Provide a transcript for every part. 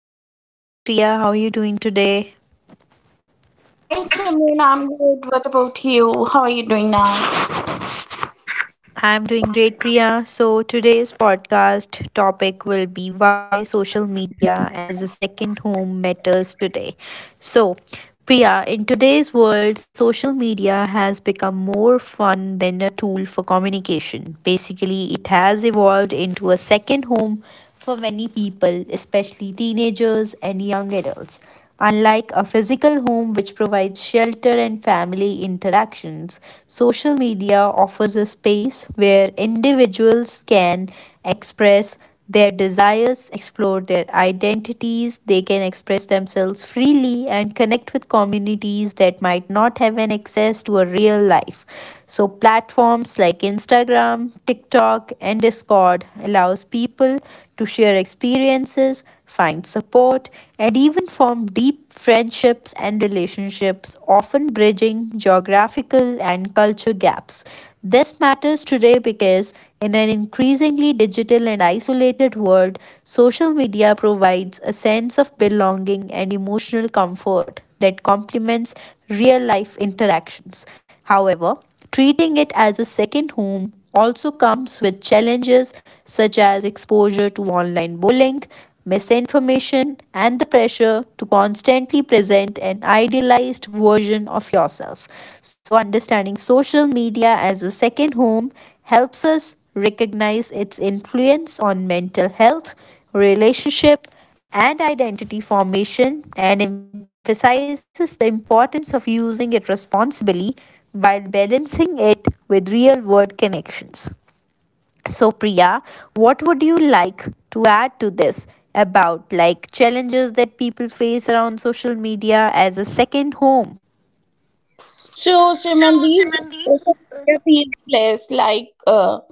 Hi, good morning, Priya. How are you doing today? Hi, Simran. I'm good. What about you? How are you doing now? I'm doing great, Priya. So, today's podcast topic will be why social media as a second home matters today. So, Priya, in today's world, social media has become more fun than a tool for communication. Basically, it has evolved into a second home for many people, especially teenagers and young adults. Unlike a physical home which provides shelter and family interactions, social media offers a space where individuals can express their desires, explore their identities, they can express themselves freely and connect with communities that might not have an access to a real life. So platforms like Instagram, TikTok, and Discord allows people to share experiences, find support, and even form deep friendships and relationships, often bridging geographical and culture gaps. This matters today because in an increasingly digital and isolated world, social media provides a sense of belonging and emotional comfort that complements real life interactions. However, treating it as a second home also comes with challenges such as exposure to online bullying, misinformation, and the pressure to constantly present an idealized version of yourself. So, understanding social media as a second home helps us recognize its influence on mental health, relationship, and identity formation and emphasizes the importance of using it responsibly while balancing it with real world connections. So, Priya, what would you like to add to this about like challenges that people face around social media as a second home? So, So, Simran, these Simranji, social media feels less like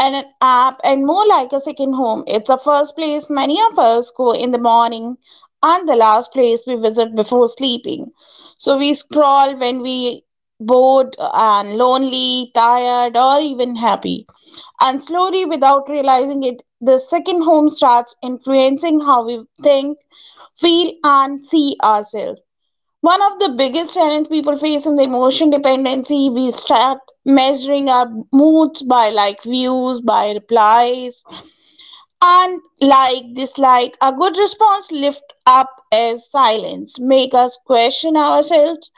an app and more like a second home. It's the first place many of us go in the morning and the last place we visit before sleeping. So, we scroll when we bored and lonely, tired, or even happy. And slowly, without realizing it, the second home starts influencing how we think, feel, and see ourselves. One of the biggest challenges people face in the emotion dependency, we start measuring our moods by like views, by replies, and like dislike. A good response lift up as silence, make us question ourselves.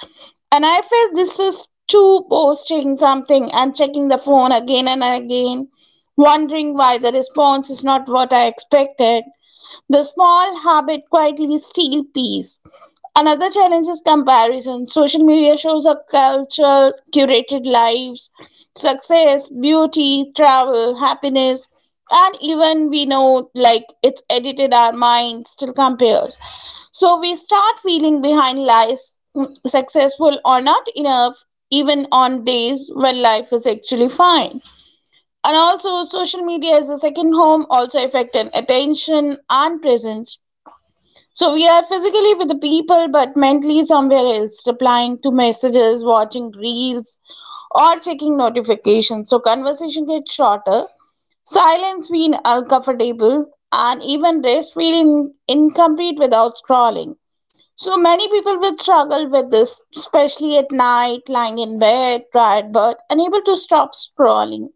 And I feel this is too posting something and checking the phone again and again, wondering why the response is not what I expected. The small habit quietly steals peace. Another challenge is comparison. Social media shows a culture, curated lives, success, beauty, travel, happiness, and even we know like it's edited our mind still compares. So we start feeling behind lies, successful or not enough, even on days when life is actually fine, and also social media is the second home also affected attention and presence, so we are physically with the people but mentally somewhere else, replying to messages, watching reels, or checking notifications. So conversation gets shorter, silence feel uncomfortable, and even rest feeling incomplete without scrolling. So many people will struggle with this, especially at night, lying in bed tired but unable to stop scrolling.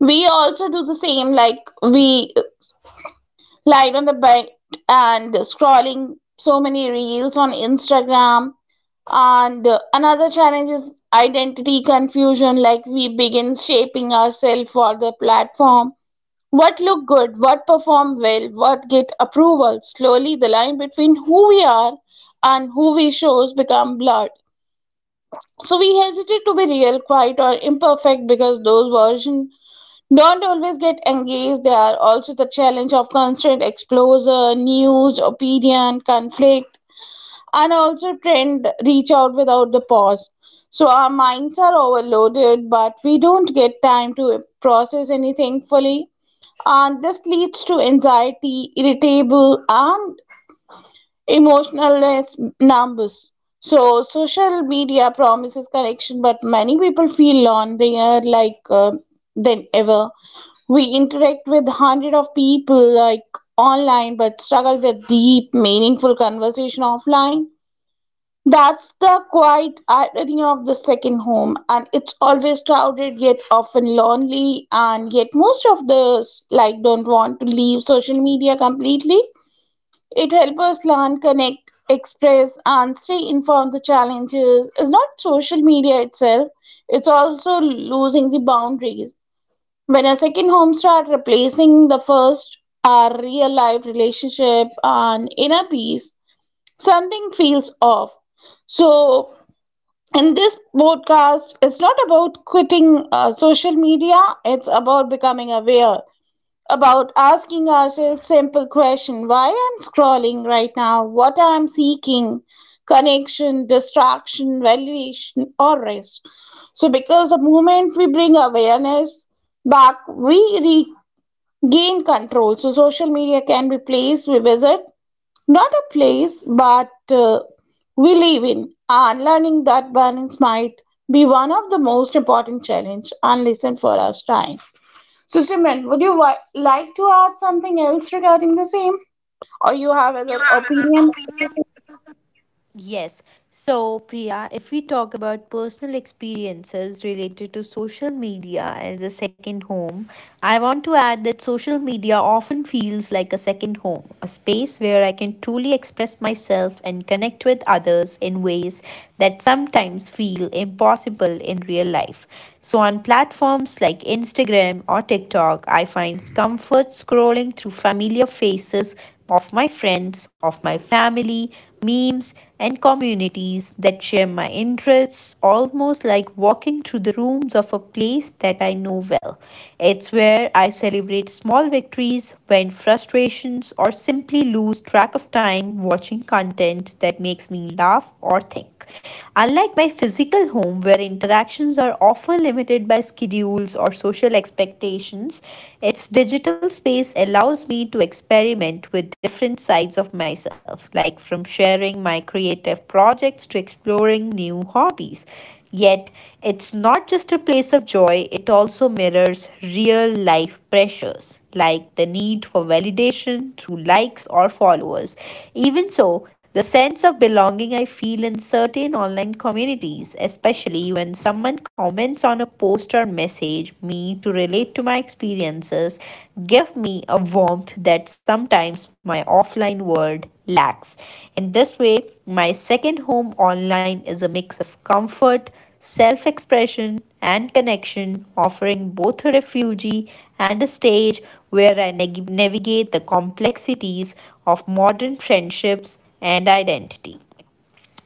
We also do the same, like we lie on the bed and scrolling so many reels on Instagram. And another challenge is identity confusion, like we begin shaping ourselves for the platform, what look good, what perform well, what get approval. Slowly the line between who we are and who we shows become blurred, so we hesitate to be real, quiet, or imperfect because those versions don't always get engaged. There are also the challenge of constant exposure, news, opinion, conflict, and also trend reach out without the pause. So our minds are overloaded, but we don't get time to process anything fully. And this leads to anxiety, irritable, and emotionless numbers. So social media promises connection, but many people feel lonelier like than ever. We interact with hundred of people like online, but struggle with deep, meaningful conversation offline. That's the quiet irony of the second home, and it's always crowded yet often lonely, and yet most of us like don't want to leave social media completely. It helps us learn, connect, express, and stay informed. The challenges is not social media itself, it's also losing the boundaries. When a second home start replacing the first, our real life relationship and inner peace, something feels off. So, in this podcast, it's not about quitting social media, it's about becoming aware, about asking ourselves simple question, why I'm scrolling right now, what I'm seeking, connection, distraction, validation, or rest. So because the moment we bring awareness back, we regain control. So social media can be place we visit, not a place but we live in, and learning that balance might be one of the most important challenge and lesson for us time. So, Simran, would you like to add something else regarding the same? Or you have other opinion? yes. So, Priya, if we talk about personal experiences related to social media as a second home, I want to add that social media often feels like a second home, a space where I can truly express myself and connect with others in ways that sometimes feel impossible in real life. So on platforms like Instagram or TikTok, I find comfort scrolling through familiar faces of my friends, of my family, memes, and communities that share my interests, almost like walking through the rooms of a place that I know well. It's where I celebrate small victories, vent frustrations, or simply lose track of time watching content that makes me laugh or think. Unlike my physical home, where interactions are often limited by schedules or social expectations, its digital space allows me to experiment with different sides of myself, like from sharing my creative projects to exploring new hobbies. Yet, it's not just a place of joy, it also mirrors real life pressures, like the need for validation through likes or followers. Even so, the sense of belonging I feel in certain online communities, especially when someone comments on a post or message me to relate to my experiences, give me a warmth that sometimes my offline world lacks. In this way, my second home online is a mix of comfort, self expression, and connection, offering both a refugee and a stage where I navigate the complexities of modern friendships and identity.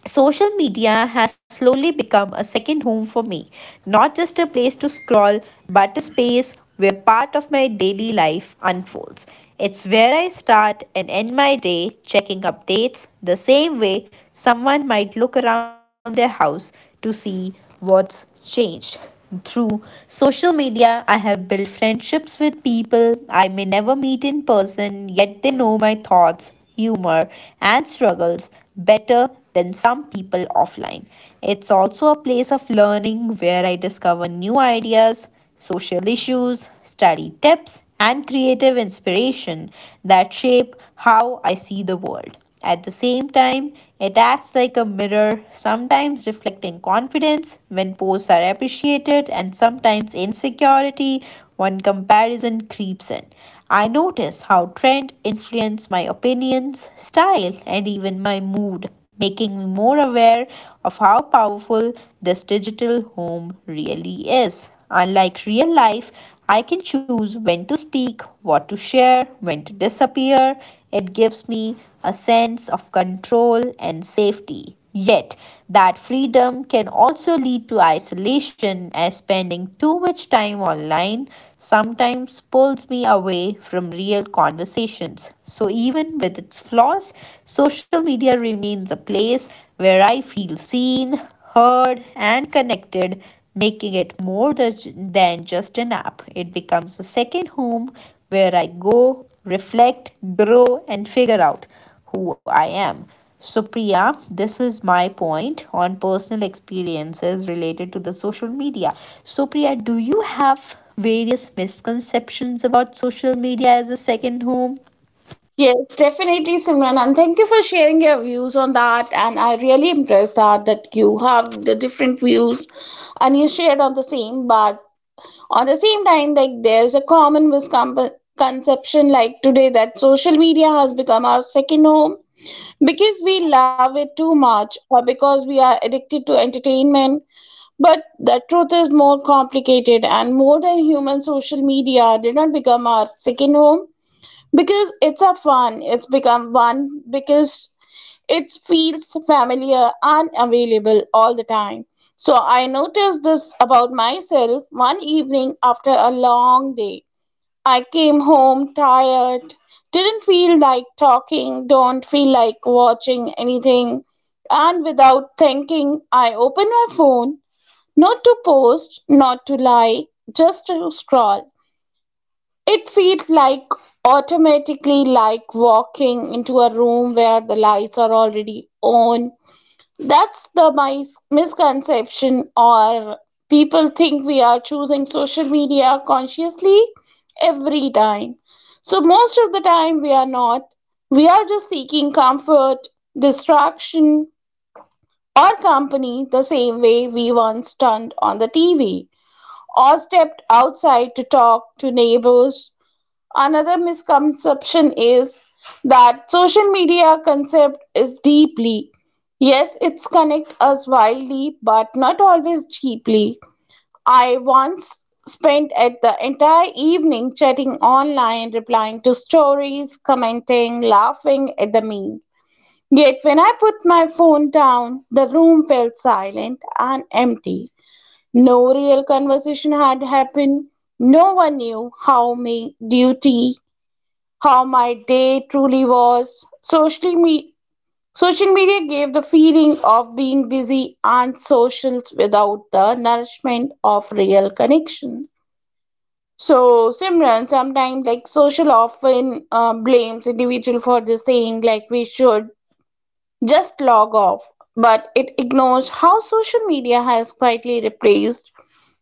Social media has slowly become a second home for me, not just a place to scroll, but a space where part of my daily life unfolds. It's where I start and end my day checking updates the same way someone might look around their house to see what's changed. Through social media, I have built friendships with people I may never meet in person, yet they know my thoughts, humor, and struggles better than some people offline. It's also a place of learning where I discover new ideas, social issues, study tips, and creative inspiration that shape how I see the world. At the same time, it acts like a mirror, sometimes reflecting confidence when posts are appreciated and sometimes insecurity when comparison creeps in. I notice how trend influence my opinions, style, and even my mood making me more aware of how powerful this digital home really is. Unlike real life, I can choose when to speak, what to share, when to disappear. It gives me a sense of control and safety. Yet, that freedom can also lead to isolation, as spending too much time online sometimes pulls me away from real conversations. So, even with its flaws, social media remains a place where I feel seen, heard, and connected, making it more than just an app. It becomes a second home where I go, reflect, grow, and figure out who I am. So, Priya, this was my point on personal experiences related to the social media. So, Priya, do you have various misconceptions about social media as a second home? Yes, definitely, Simran. And thank you for sharing your views on that. And I really impressed that you have the different views and you shared on the same. But on the same time, like there's a common misconception like today that social media has become our second home because we love it too much or because we are addicted to entertainment. But the truth is more complicated and more than human. Social media did not become our second home because it's a fun. It's become one because it feels familiar and available all the time. So I noticed this about myself one evening after a long day. I came home tired, didn't feel like talking, don't feel like watching anything, and without thinking, I opened my phone, not to post, not to like, just to scroll. It feels like automatically like walking into a room where the lights are already on. That's the my misconception. Or people think we are choosing social media consciously every time. So most of the time we are not. We are just seeking comfort, distraction, or company the same way we once turned on the TV or stepped outside to talk to neighbors. Another misconception is that social media concept is deeply. Yes, it's connect us wildly, but not always cheaply. I once spent at the entire evening chatting online, replying to stories, commenting, laughing at the memes. Yet when I put my phone down, the room felt silent and empty. No real conversation had happened. No one knew how my duty, how my day truly was. Social media gave the feeling of being busy and social without the nourishment of real connection. So Simran, sometimes like social often blames individual for just saying like we should just log off. But it ignores how social media has quietly replaced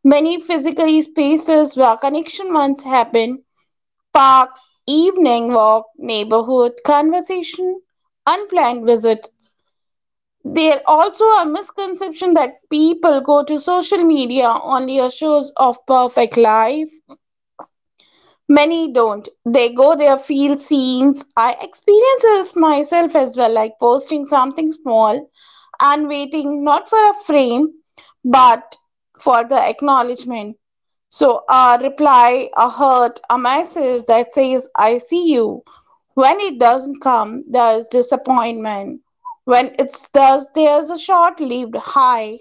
many physical spaces where connection once happened, parks, evening walk, neighborhood conversation, unplanned visits. There also a misconception that people go to social media only as shows of perfect life. Many don't. They go there, feel scenes. I experience this myself as well, like posting something small and waiting not for a frame but for the acknowledgement. So, a reply, a hurt, a message that says, I see you. When it doesn't come, there's disappointment. When it does, there's a short lived high.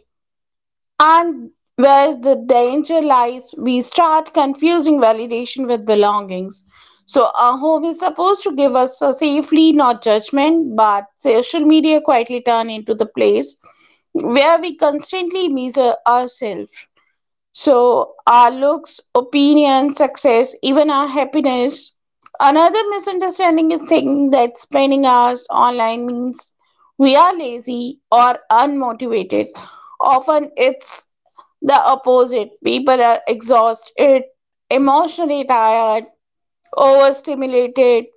And where's the danger lies, we start confusing validation with belongings. So, a home is supposed to give us a safely, not judgment, but social media quietly turn into the place where we constantly measure ourselves. So, our looks, opinion, success, even our happiness. Another misunderstanding is thinking that spending hours online means we are lazy or unmotivated. Often it's the opposite. People are exhausted, emotionally tired, overstimulated,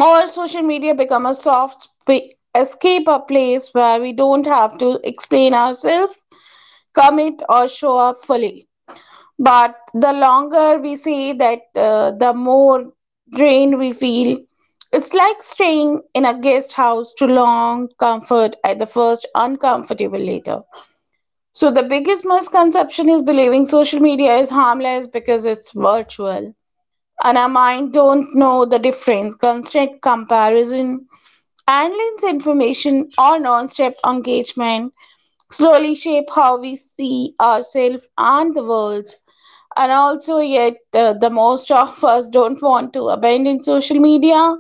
or social media become a escape, a place where we don't have to explain ourselves, commit, or show up fully. But the longer we say that, the more drained we feel. It's like staying in a guest house too long, comfort at the first, uncomfortable later. So, the biggest misconception is believing social media is harmless because it's virtual. And our mind don't know the difference. Constant comparison, endless information, or non-stop engagement slowly shape how we see ourselves and the world. And also yet the most of us don't want to abandon social media,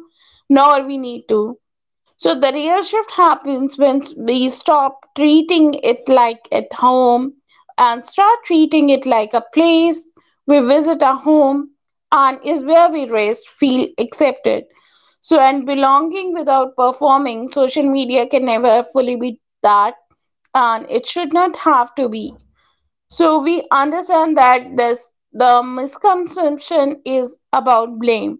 nor we need to. So the real shift happens when we stop treating it like at home and start treating it like a place we visit. A home and is where we rest, feel accepted, so and belonging without performing. Social media can never fully be that, and it should not have to be. So we understand that this the misconception is about blame.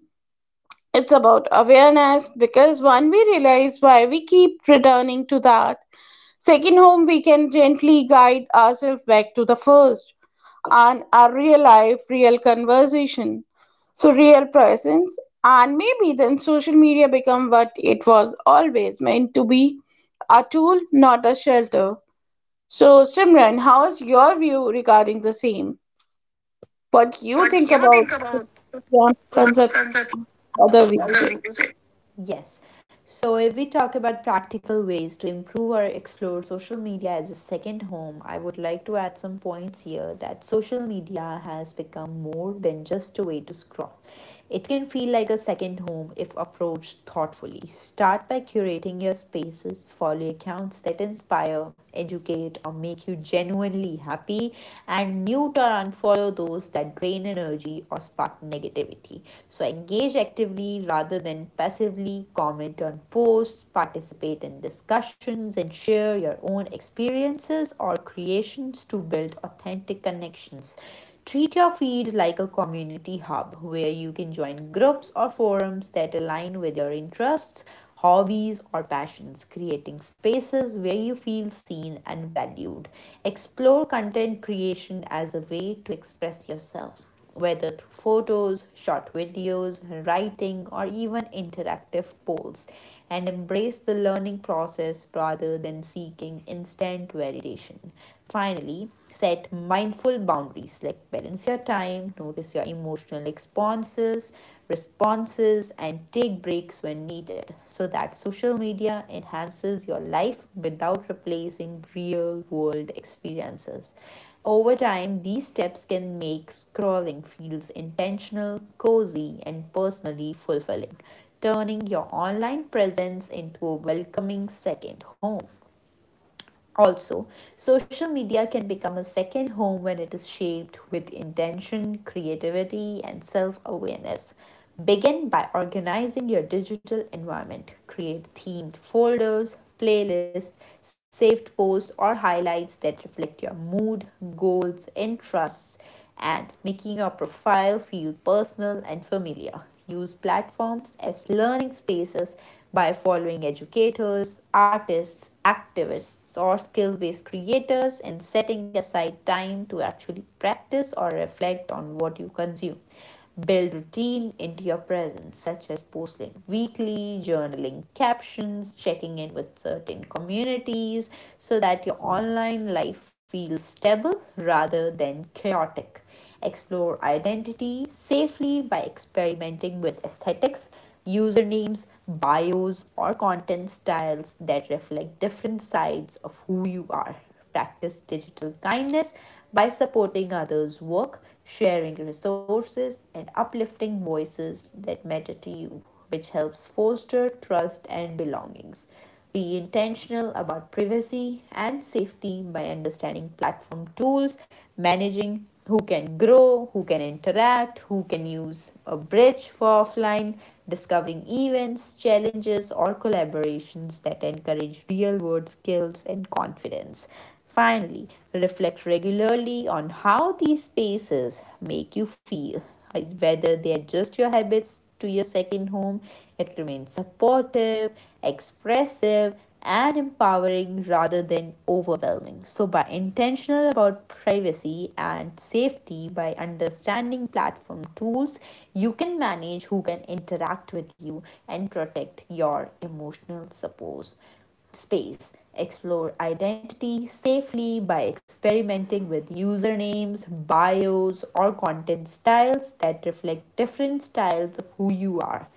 It's about awareness, because one we realize why we keep returning to that second home, we can gently guide ourselves back to the first and our real life, real conversation. So real presence, and maybe then social media become what it was always meant to be, a tool, not a shelter. So Simran, how is your view regarding the same? What you What do think you about think about your concept? misconceptions? Of other views? Yes. So, if we talk about practical ways to improve or explore social media as a second home, I would like to add some points here that social media has become more than just a way to scroll. It can feel like a second home if approached thoughtfully. Start by curating your spaces, follow accounts that inspire, educate, or make you genuinely happy, and mute or unfollow those that drain energy or spark negativity. So engage actively rather than passively, comment on posts, participate in discussions, and share your own experiences or creations to build authentic connections. Treat your feed like a community hub where you can join groups or forums that align with your interests hobbies, or passions, creating spaces where you feel seen and valued. Explore content creation as a way to express yourself, whether through photos, short videos, writing, or even interactive polls, and embrace the learning process rather than seeking instant validation. Finally, set mindful boundaries like balance your time, notice your emotional responses, responses and take breaks when needed so that social media enhances your life without replacing real world experiences over time these steps can make scrolling feels intentional cozy and personally fulfilling turning your online presence into a welcoming second home also, social media can become a second home when it is shaped with intention, creativity, and self awareness. Begin by organizing your digital environment. Create themed folders, playlists, saved posts, or highlights that reflect your mood, goals, interests, and making your profile feel personal and familiar. Use platforms as learning spaces by following educators, artists, activists, or skill based creators and setting aside time to actually practice or reflect on what you consume. Build routine into your presence, such as posting weekly, journaling captions, checking in with certain communities, so that your online life feels stable rather than chaotic. Explore identity safely by experimenting with aesthetics, usernames, bios, or content styles that reflect different sides of who you are. Practice digital kindness by supporting others' work, sharing resources, and uplifting voices that matter to you, which helps foster trust and belongings. Be intentional about privacy and safety by understanding platform tools, managing who can grow, who can interact, who can use a bridge for offline, discovering events, challenges, or collaborations that encourage real world skills and confidence. Finally, reflect regularly on how these spaces make you feel. Whether they adjust your habits to your second home, it remains supportive, expressive, and empowering rather than overwhelming. So, by intentional about privacy and safety, by understanding platform tools, you can manage who can interact with you and protect your emotional support space. Explore identity safely by experimenting with usernames, bios, or content styles that reflect different styles of who you are.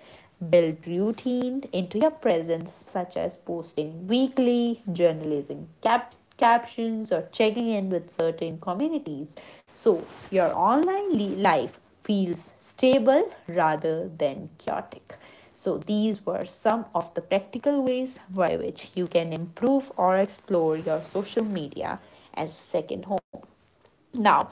Build routine into your presence, such as posting weekly, journalizing captions, or checking in with certain communities. So your online life feels stable rather than chaotic. So, these were some of the practical ways by which you can improve or explore your social media as second home. Now,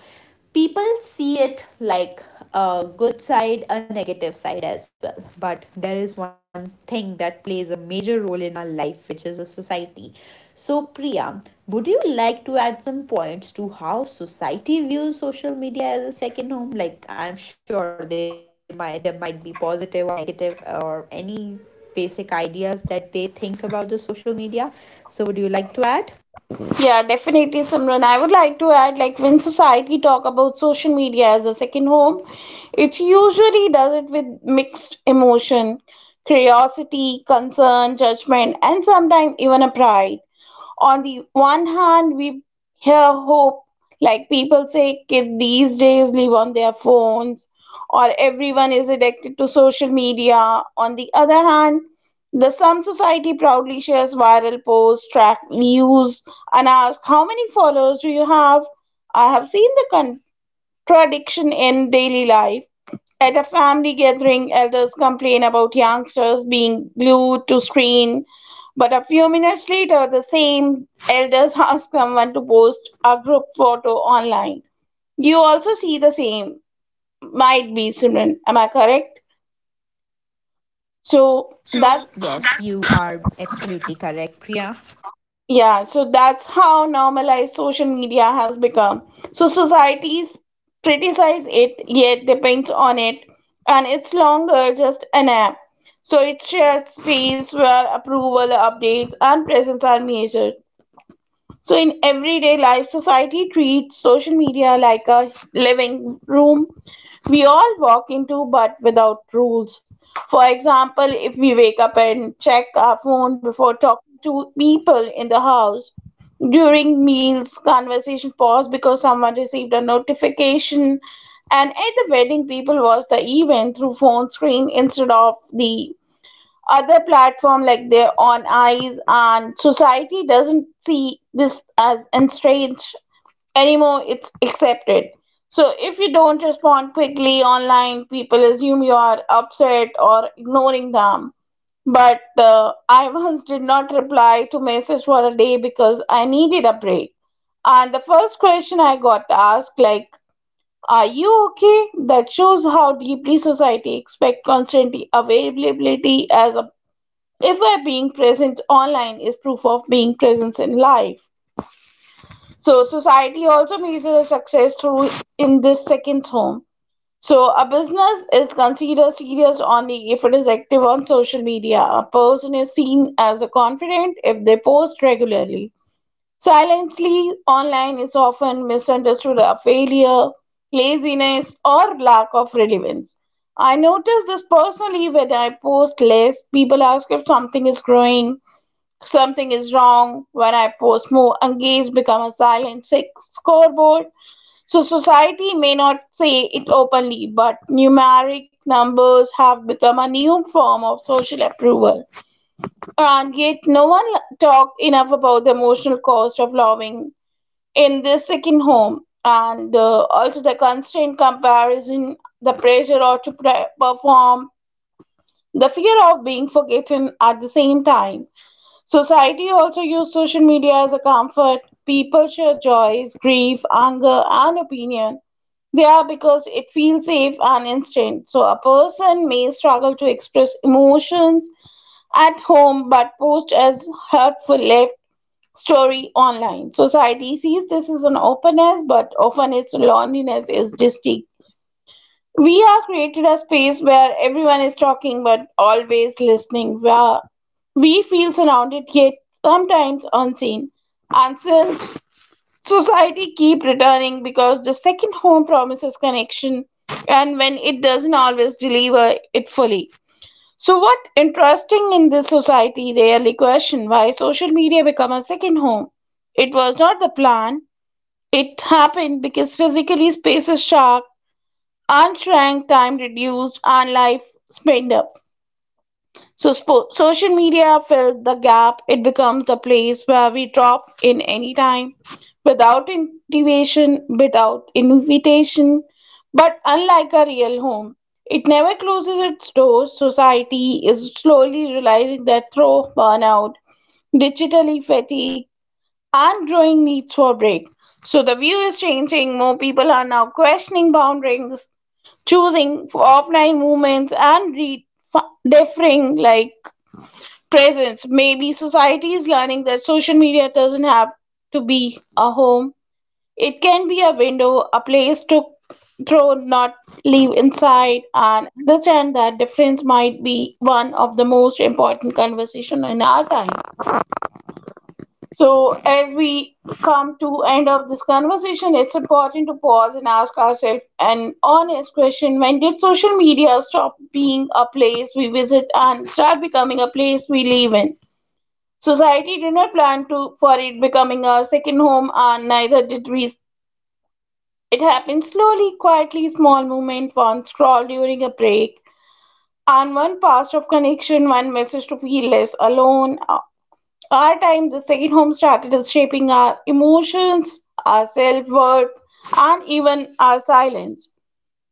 people see it like a good side, a negative side as well. But there is one thing that plays a major role in our life, which is a society. So, Priya, would you like to add some points to how society views social media as a second home? Like, I'm sure they might there might be positive or negative or any basic ideas that they think about the social media. So, would you like to add? Yeah, definitely, Simran. I would like to add, like when society talk about social media as a second home, it usually does it with mixed emotion, curiosity, concern, judgment, and sometimes even a pride. On the one hand, we hear hope, like people say kids these days live on their phones, or everyone is addicted to social media. On the other hand, The Slum Society proudly shares viral posts, track views, and ask how many followers do you have? I have seen the contradiction in daily life. At a family gathering, elders complain about youngsters being glued to screen, but a few minutes later, the same elders ask someone to post a group photo online. You also see the same, might be similar. Am I correct? So So that's, yes, you are absolutely correct, Priya. yeah, so that's how normalized social media has become. So societies criticize it, yet depends on it, and it's longer just an app. So it shares space where approval, updates, and presence are measured. So, in everyday life, society treats social media like a living room we all walk into but without rules. For example, if we wake up and check our phone before talking to people in the house, during meals, conversation paused because someone received a notification, and at the wedding, people watch the event through phone screen instead of the other platform like their own eyes, and society doesn't see this as strange anymore, it's accepted. So if you don't respond quickly online, people assume you are upset or ignoring them, but I once did not reply to message for a day because I needed a break, and the first question I got asked like, are you okay? That shows how deeply society expect constant availability as a ever being present online is proof of being present in life. So society also measures success through in this second home. So a business is considered serious only if it is active on social media. A person is seen as a confident if they post regularly. Silently online is often misunderstood as failure, laziness, or lack of relevance. I notice this personally when I post less, people ask if something is growing. Something is wrong when I post more and gays become a silent scoreboard. So society may not say it openly, but numeric numbers have become a new form of social approval. And yet no one talk enough about the emotional cost of loving in this second home, and also the constant comparison, the pressure or to perform, the fear of being forgotten at the same time. Society also used social media as a comfort. People share joys, grief, anger, and opinion. They are because it feels safe and instant. So a person may struggle to express emotions at home but post as hurtful left story online. Society sees this as an openness, but often its loneliness is distinct. We are created a space where everyone is talking but always listening, where we feel surrounded yet sometimes unseen. And since society keep returning because the second home promises connection and when it doesn't always deliver it fully. So what interesting in this society rarely question why social media become a second home. It was not the plan. It happened because physically space is sharp. Unshrank time reduced and life sped up. So social media filled the gap. It becomes the place where we drop in any time, without invitation, without invitation. But unlike a real home, it never closes its doors. Society is slowly realizing that through burnout, digitally fatigue, and growing needs for break. So the view is changing. More people are now questioning boundaries, choosing offline movements, and redefining like presence. Maybe society is learning that social media doesn't have to be a home. It can be a window, a place to throw, not leave inside, and understand that difference might be one of the most important conversation in our time. So as we come to end of this conversation, it's important to pause and ask ourselves an honest question. When did social media stop being a place we visit and start becoming a place we live in? Society did not plan to for it becoming our second home, and neither did we. It happened slowly, quietly, small movement, one scroll during a break, and one past of connection, one message to feel less alone. Our time, the second home started as shaping our emotions, our self worth, and even our silence.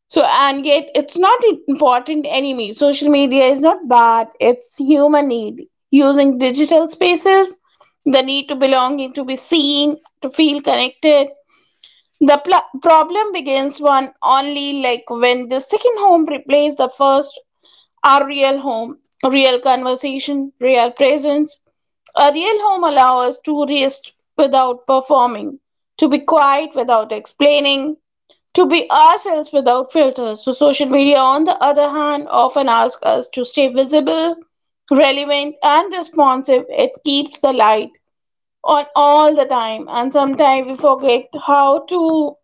So, and yet it's not an important enemy. Social media is not bad, it's human need. Using digital spaces, the need to belonging, to be seen, to feel connected. The problem begins one only like when the second home replaces the first, our real home, real conversation, real presence. A real home allows us to rest without performing, to be quiet without explaining, to be ourselves without filters. So, social media, on the other hand, often asks us to stay visible, relevant, and responsive. It keeps the light on all the time, and sometimes we forget how to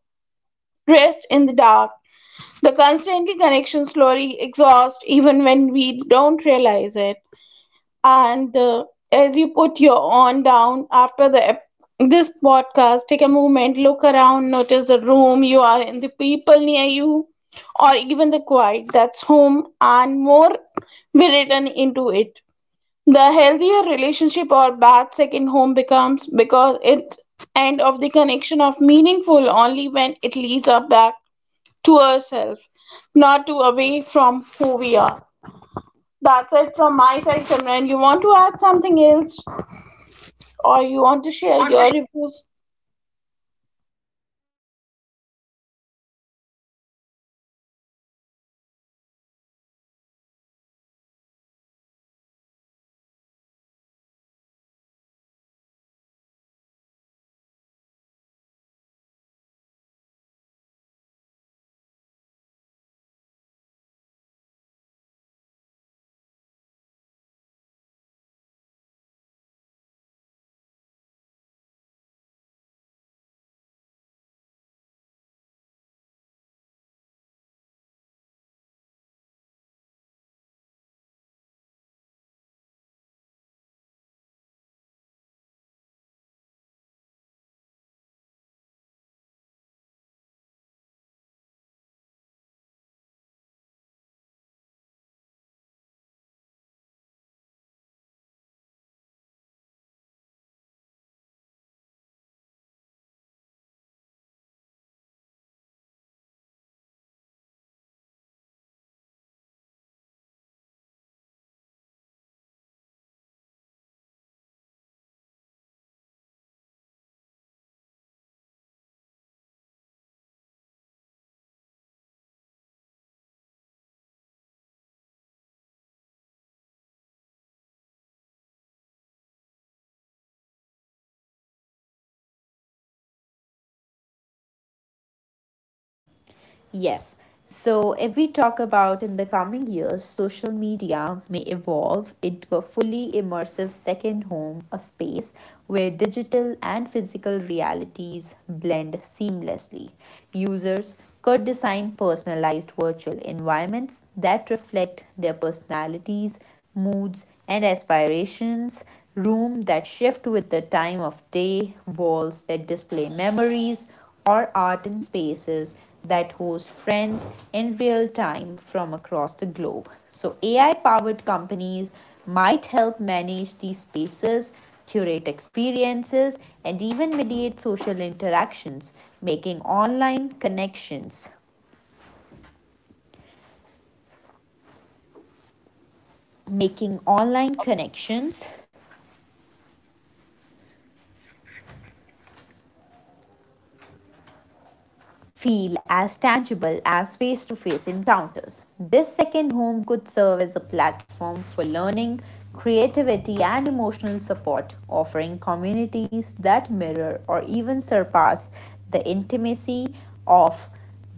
rest in the dark. The constantly connection slowly exhausts even when we don't realize it. And As you put your on down after this podcast, take a moment, look around, notice the room you are in, the people near you, or even the quiet that's home, and more will return into it. The healthier relationship or bad second home becomes because it's end of the connection of meaningful only when it leads up back to ourselves, not to away from who we are. That's it from my side, Simran. You want to add something else or you want to You share want your reviews? Yes. So, if we talk about in the coming years, social media may evolve into a fully immersive second home, a space where digital and physical realities blend seamlessly. Users could design personalized virtual environments that reflect their personalities, moods, and aspirations room that shift with the time of day, walls that display memories, or art in spaces that host friends in real time from across the globe. So, AI powered companies might help manage these spaces, curate experiences, and even mediate social interactions, making online connections. Making online connections feel as tangible as face to face encounters. This second home could serve as a platform for learning, creativity, and emotional support, offering communities that mirror or even surpass the intimacy of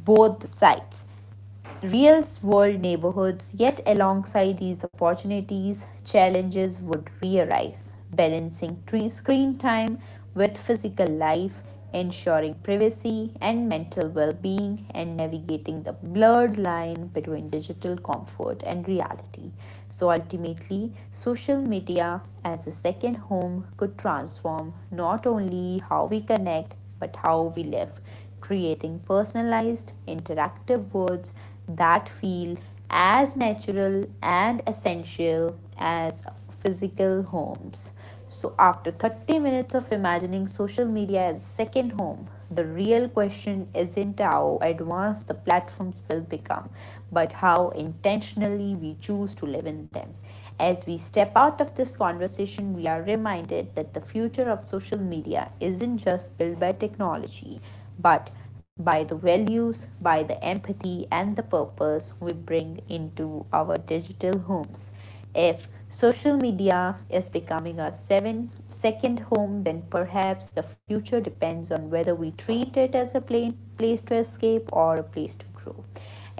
both sides real world neighborhoods, yet, alongside these opportunities, challenges would re-arise. Balancing screen time with physical life, ensuring privacy and mental well being, and navigating the blurred line between digital comfort and reality. So, ultimately, social media as a second home could transform not only how we connect but how we live creating personalized, interactive words that feel as natural and essential as physical homes. So, after 30 minutes of imagining social media as a second home, the real question isn't how advanced the platforms will become, but how intentionally we choose to live in them. As we step out of this conversation, we are reminded that the future of social media isn't just built by technology, but by the values, by the empathy, and the purpose we bring into our digital homes. If social media is becoming our seven, second home, then perhaps the future depends on whether we treat it as a place to escape or a place to grow.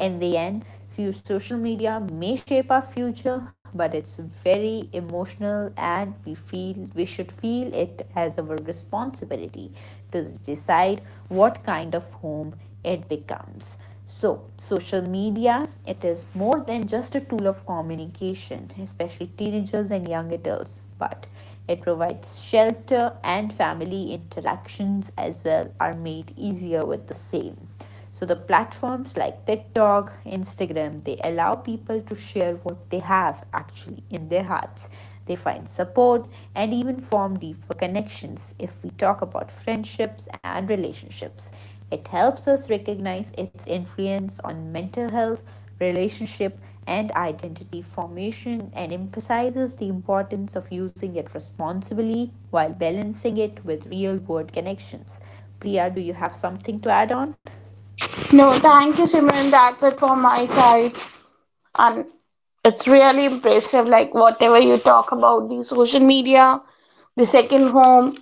In the end, so social media may shape our future, but it's very emotional, and we feel we should feel it as our responsibility to decide what kind of home it becomes. So, social media it is more than just a tool of communication, especially teenagers and young adults, but it provides shelter and family interactions as well are made easier with the same. So the platforms like TikTok, Instagram, they allow people to share what they have actually in their hearts. They find support and even form deeper connections if we talk about friendships and relationships. It helps us recognize its influence on mental health, relationship, and identity formation and emphasizes the importance of using it responsibly while balancing it with real world connections. Priya, do you have something to add on? No, thank you, Simran. That's it from my side. And it's really impressive, like whatever you talk about the social media, the second home.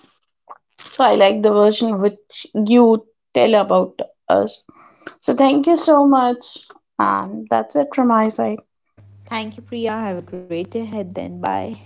So I like the version which you tell about us. So thank you so much. And that's it from my side. Thank you, Priya. Have a great day ahead then. Bye.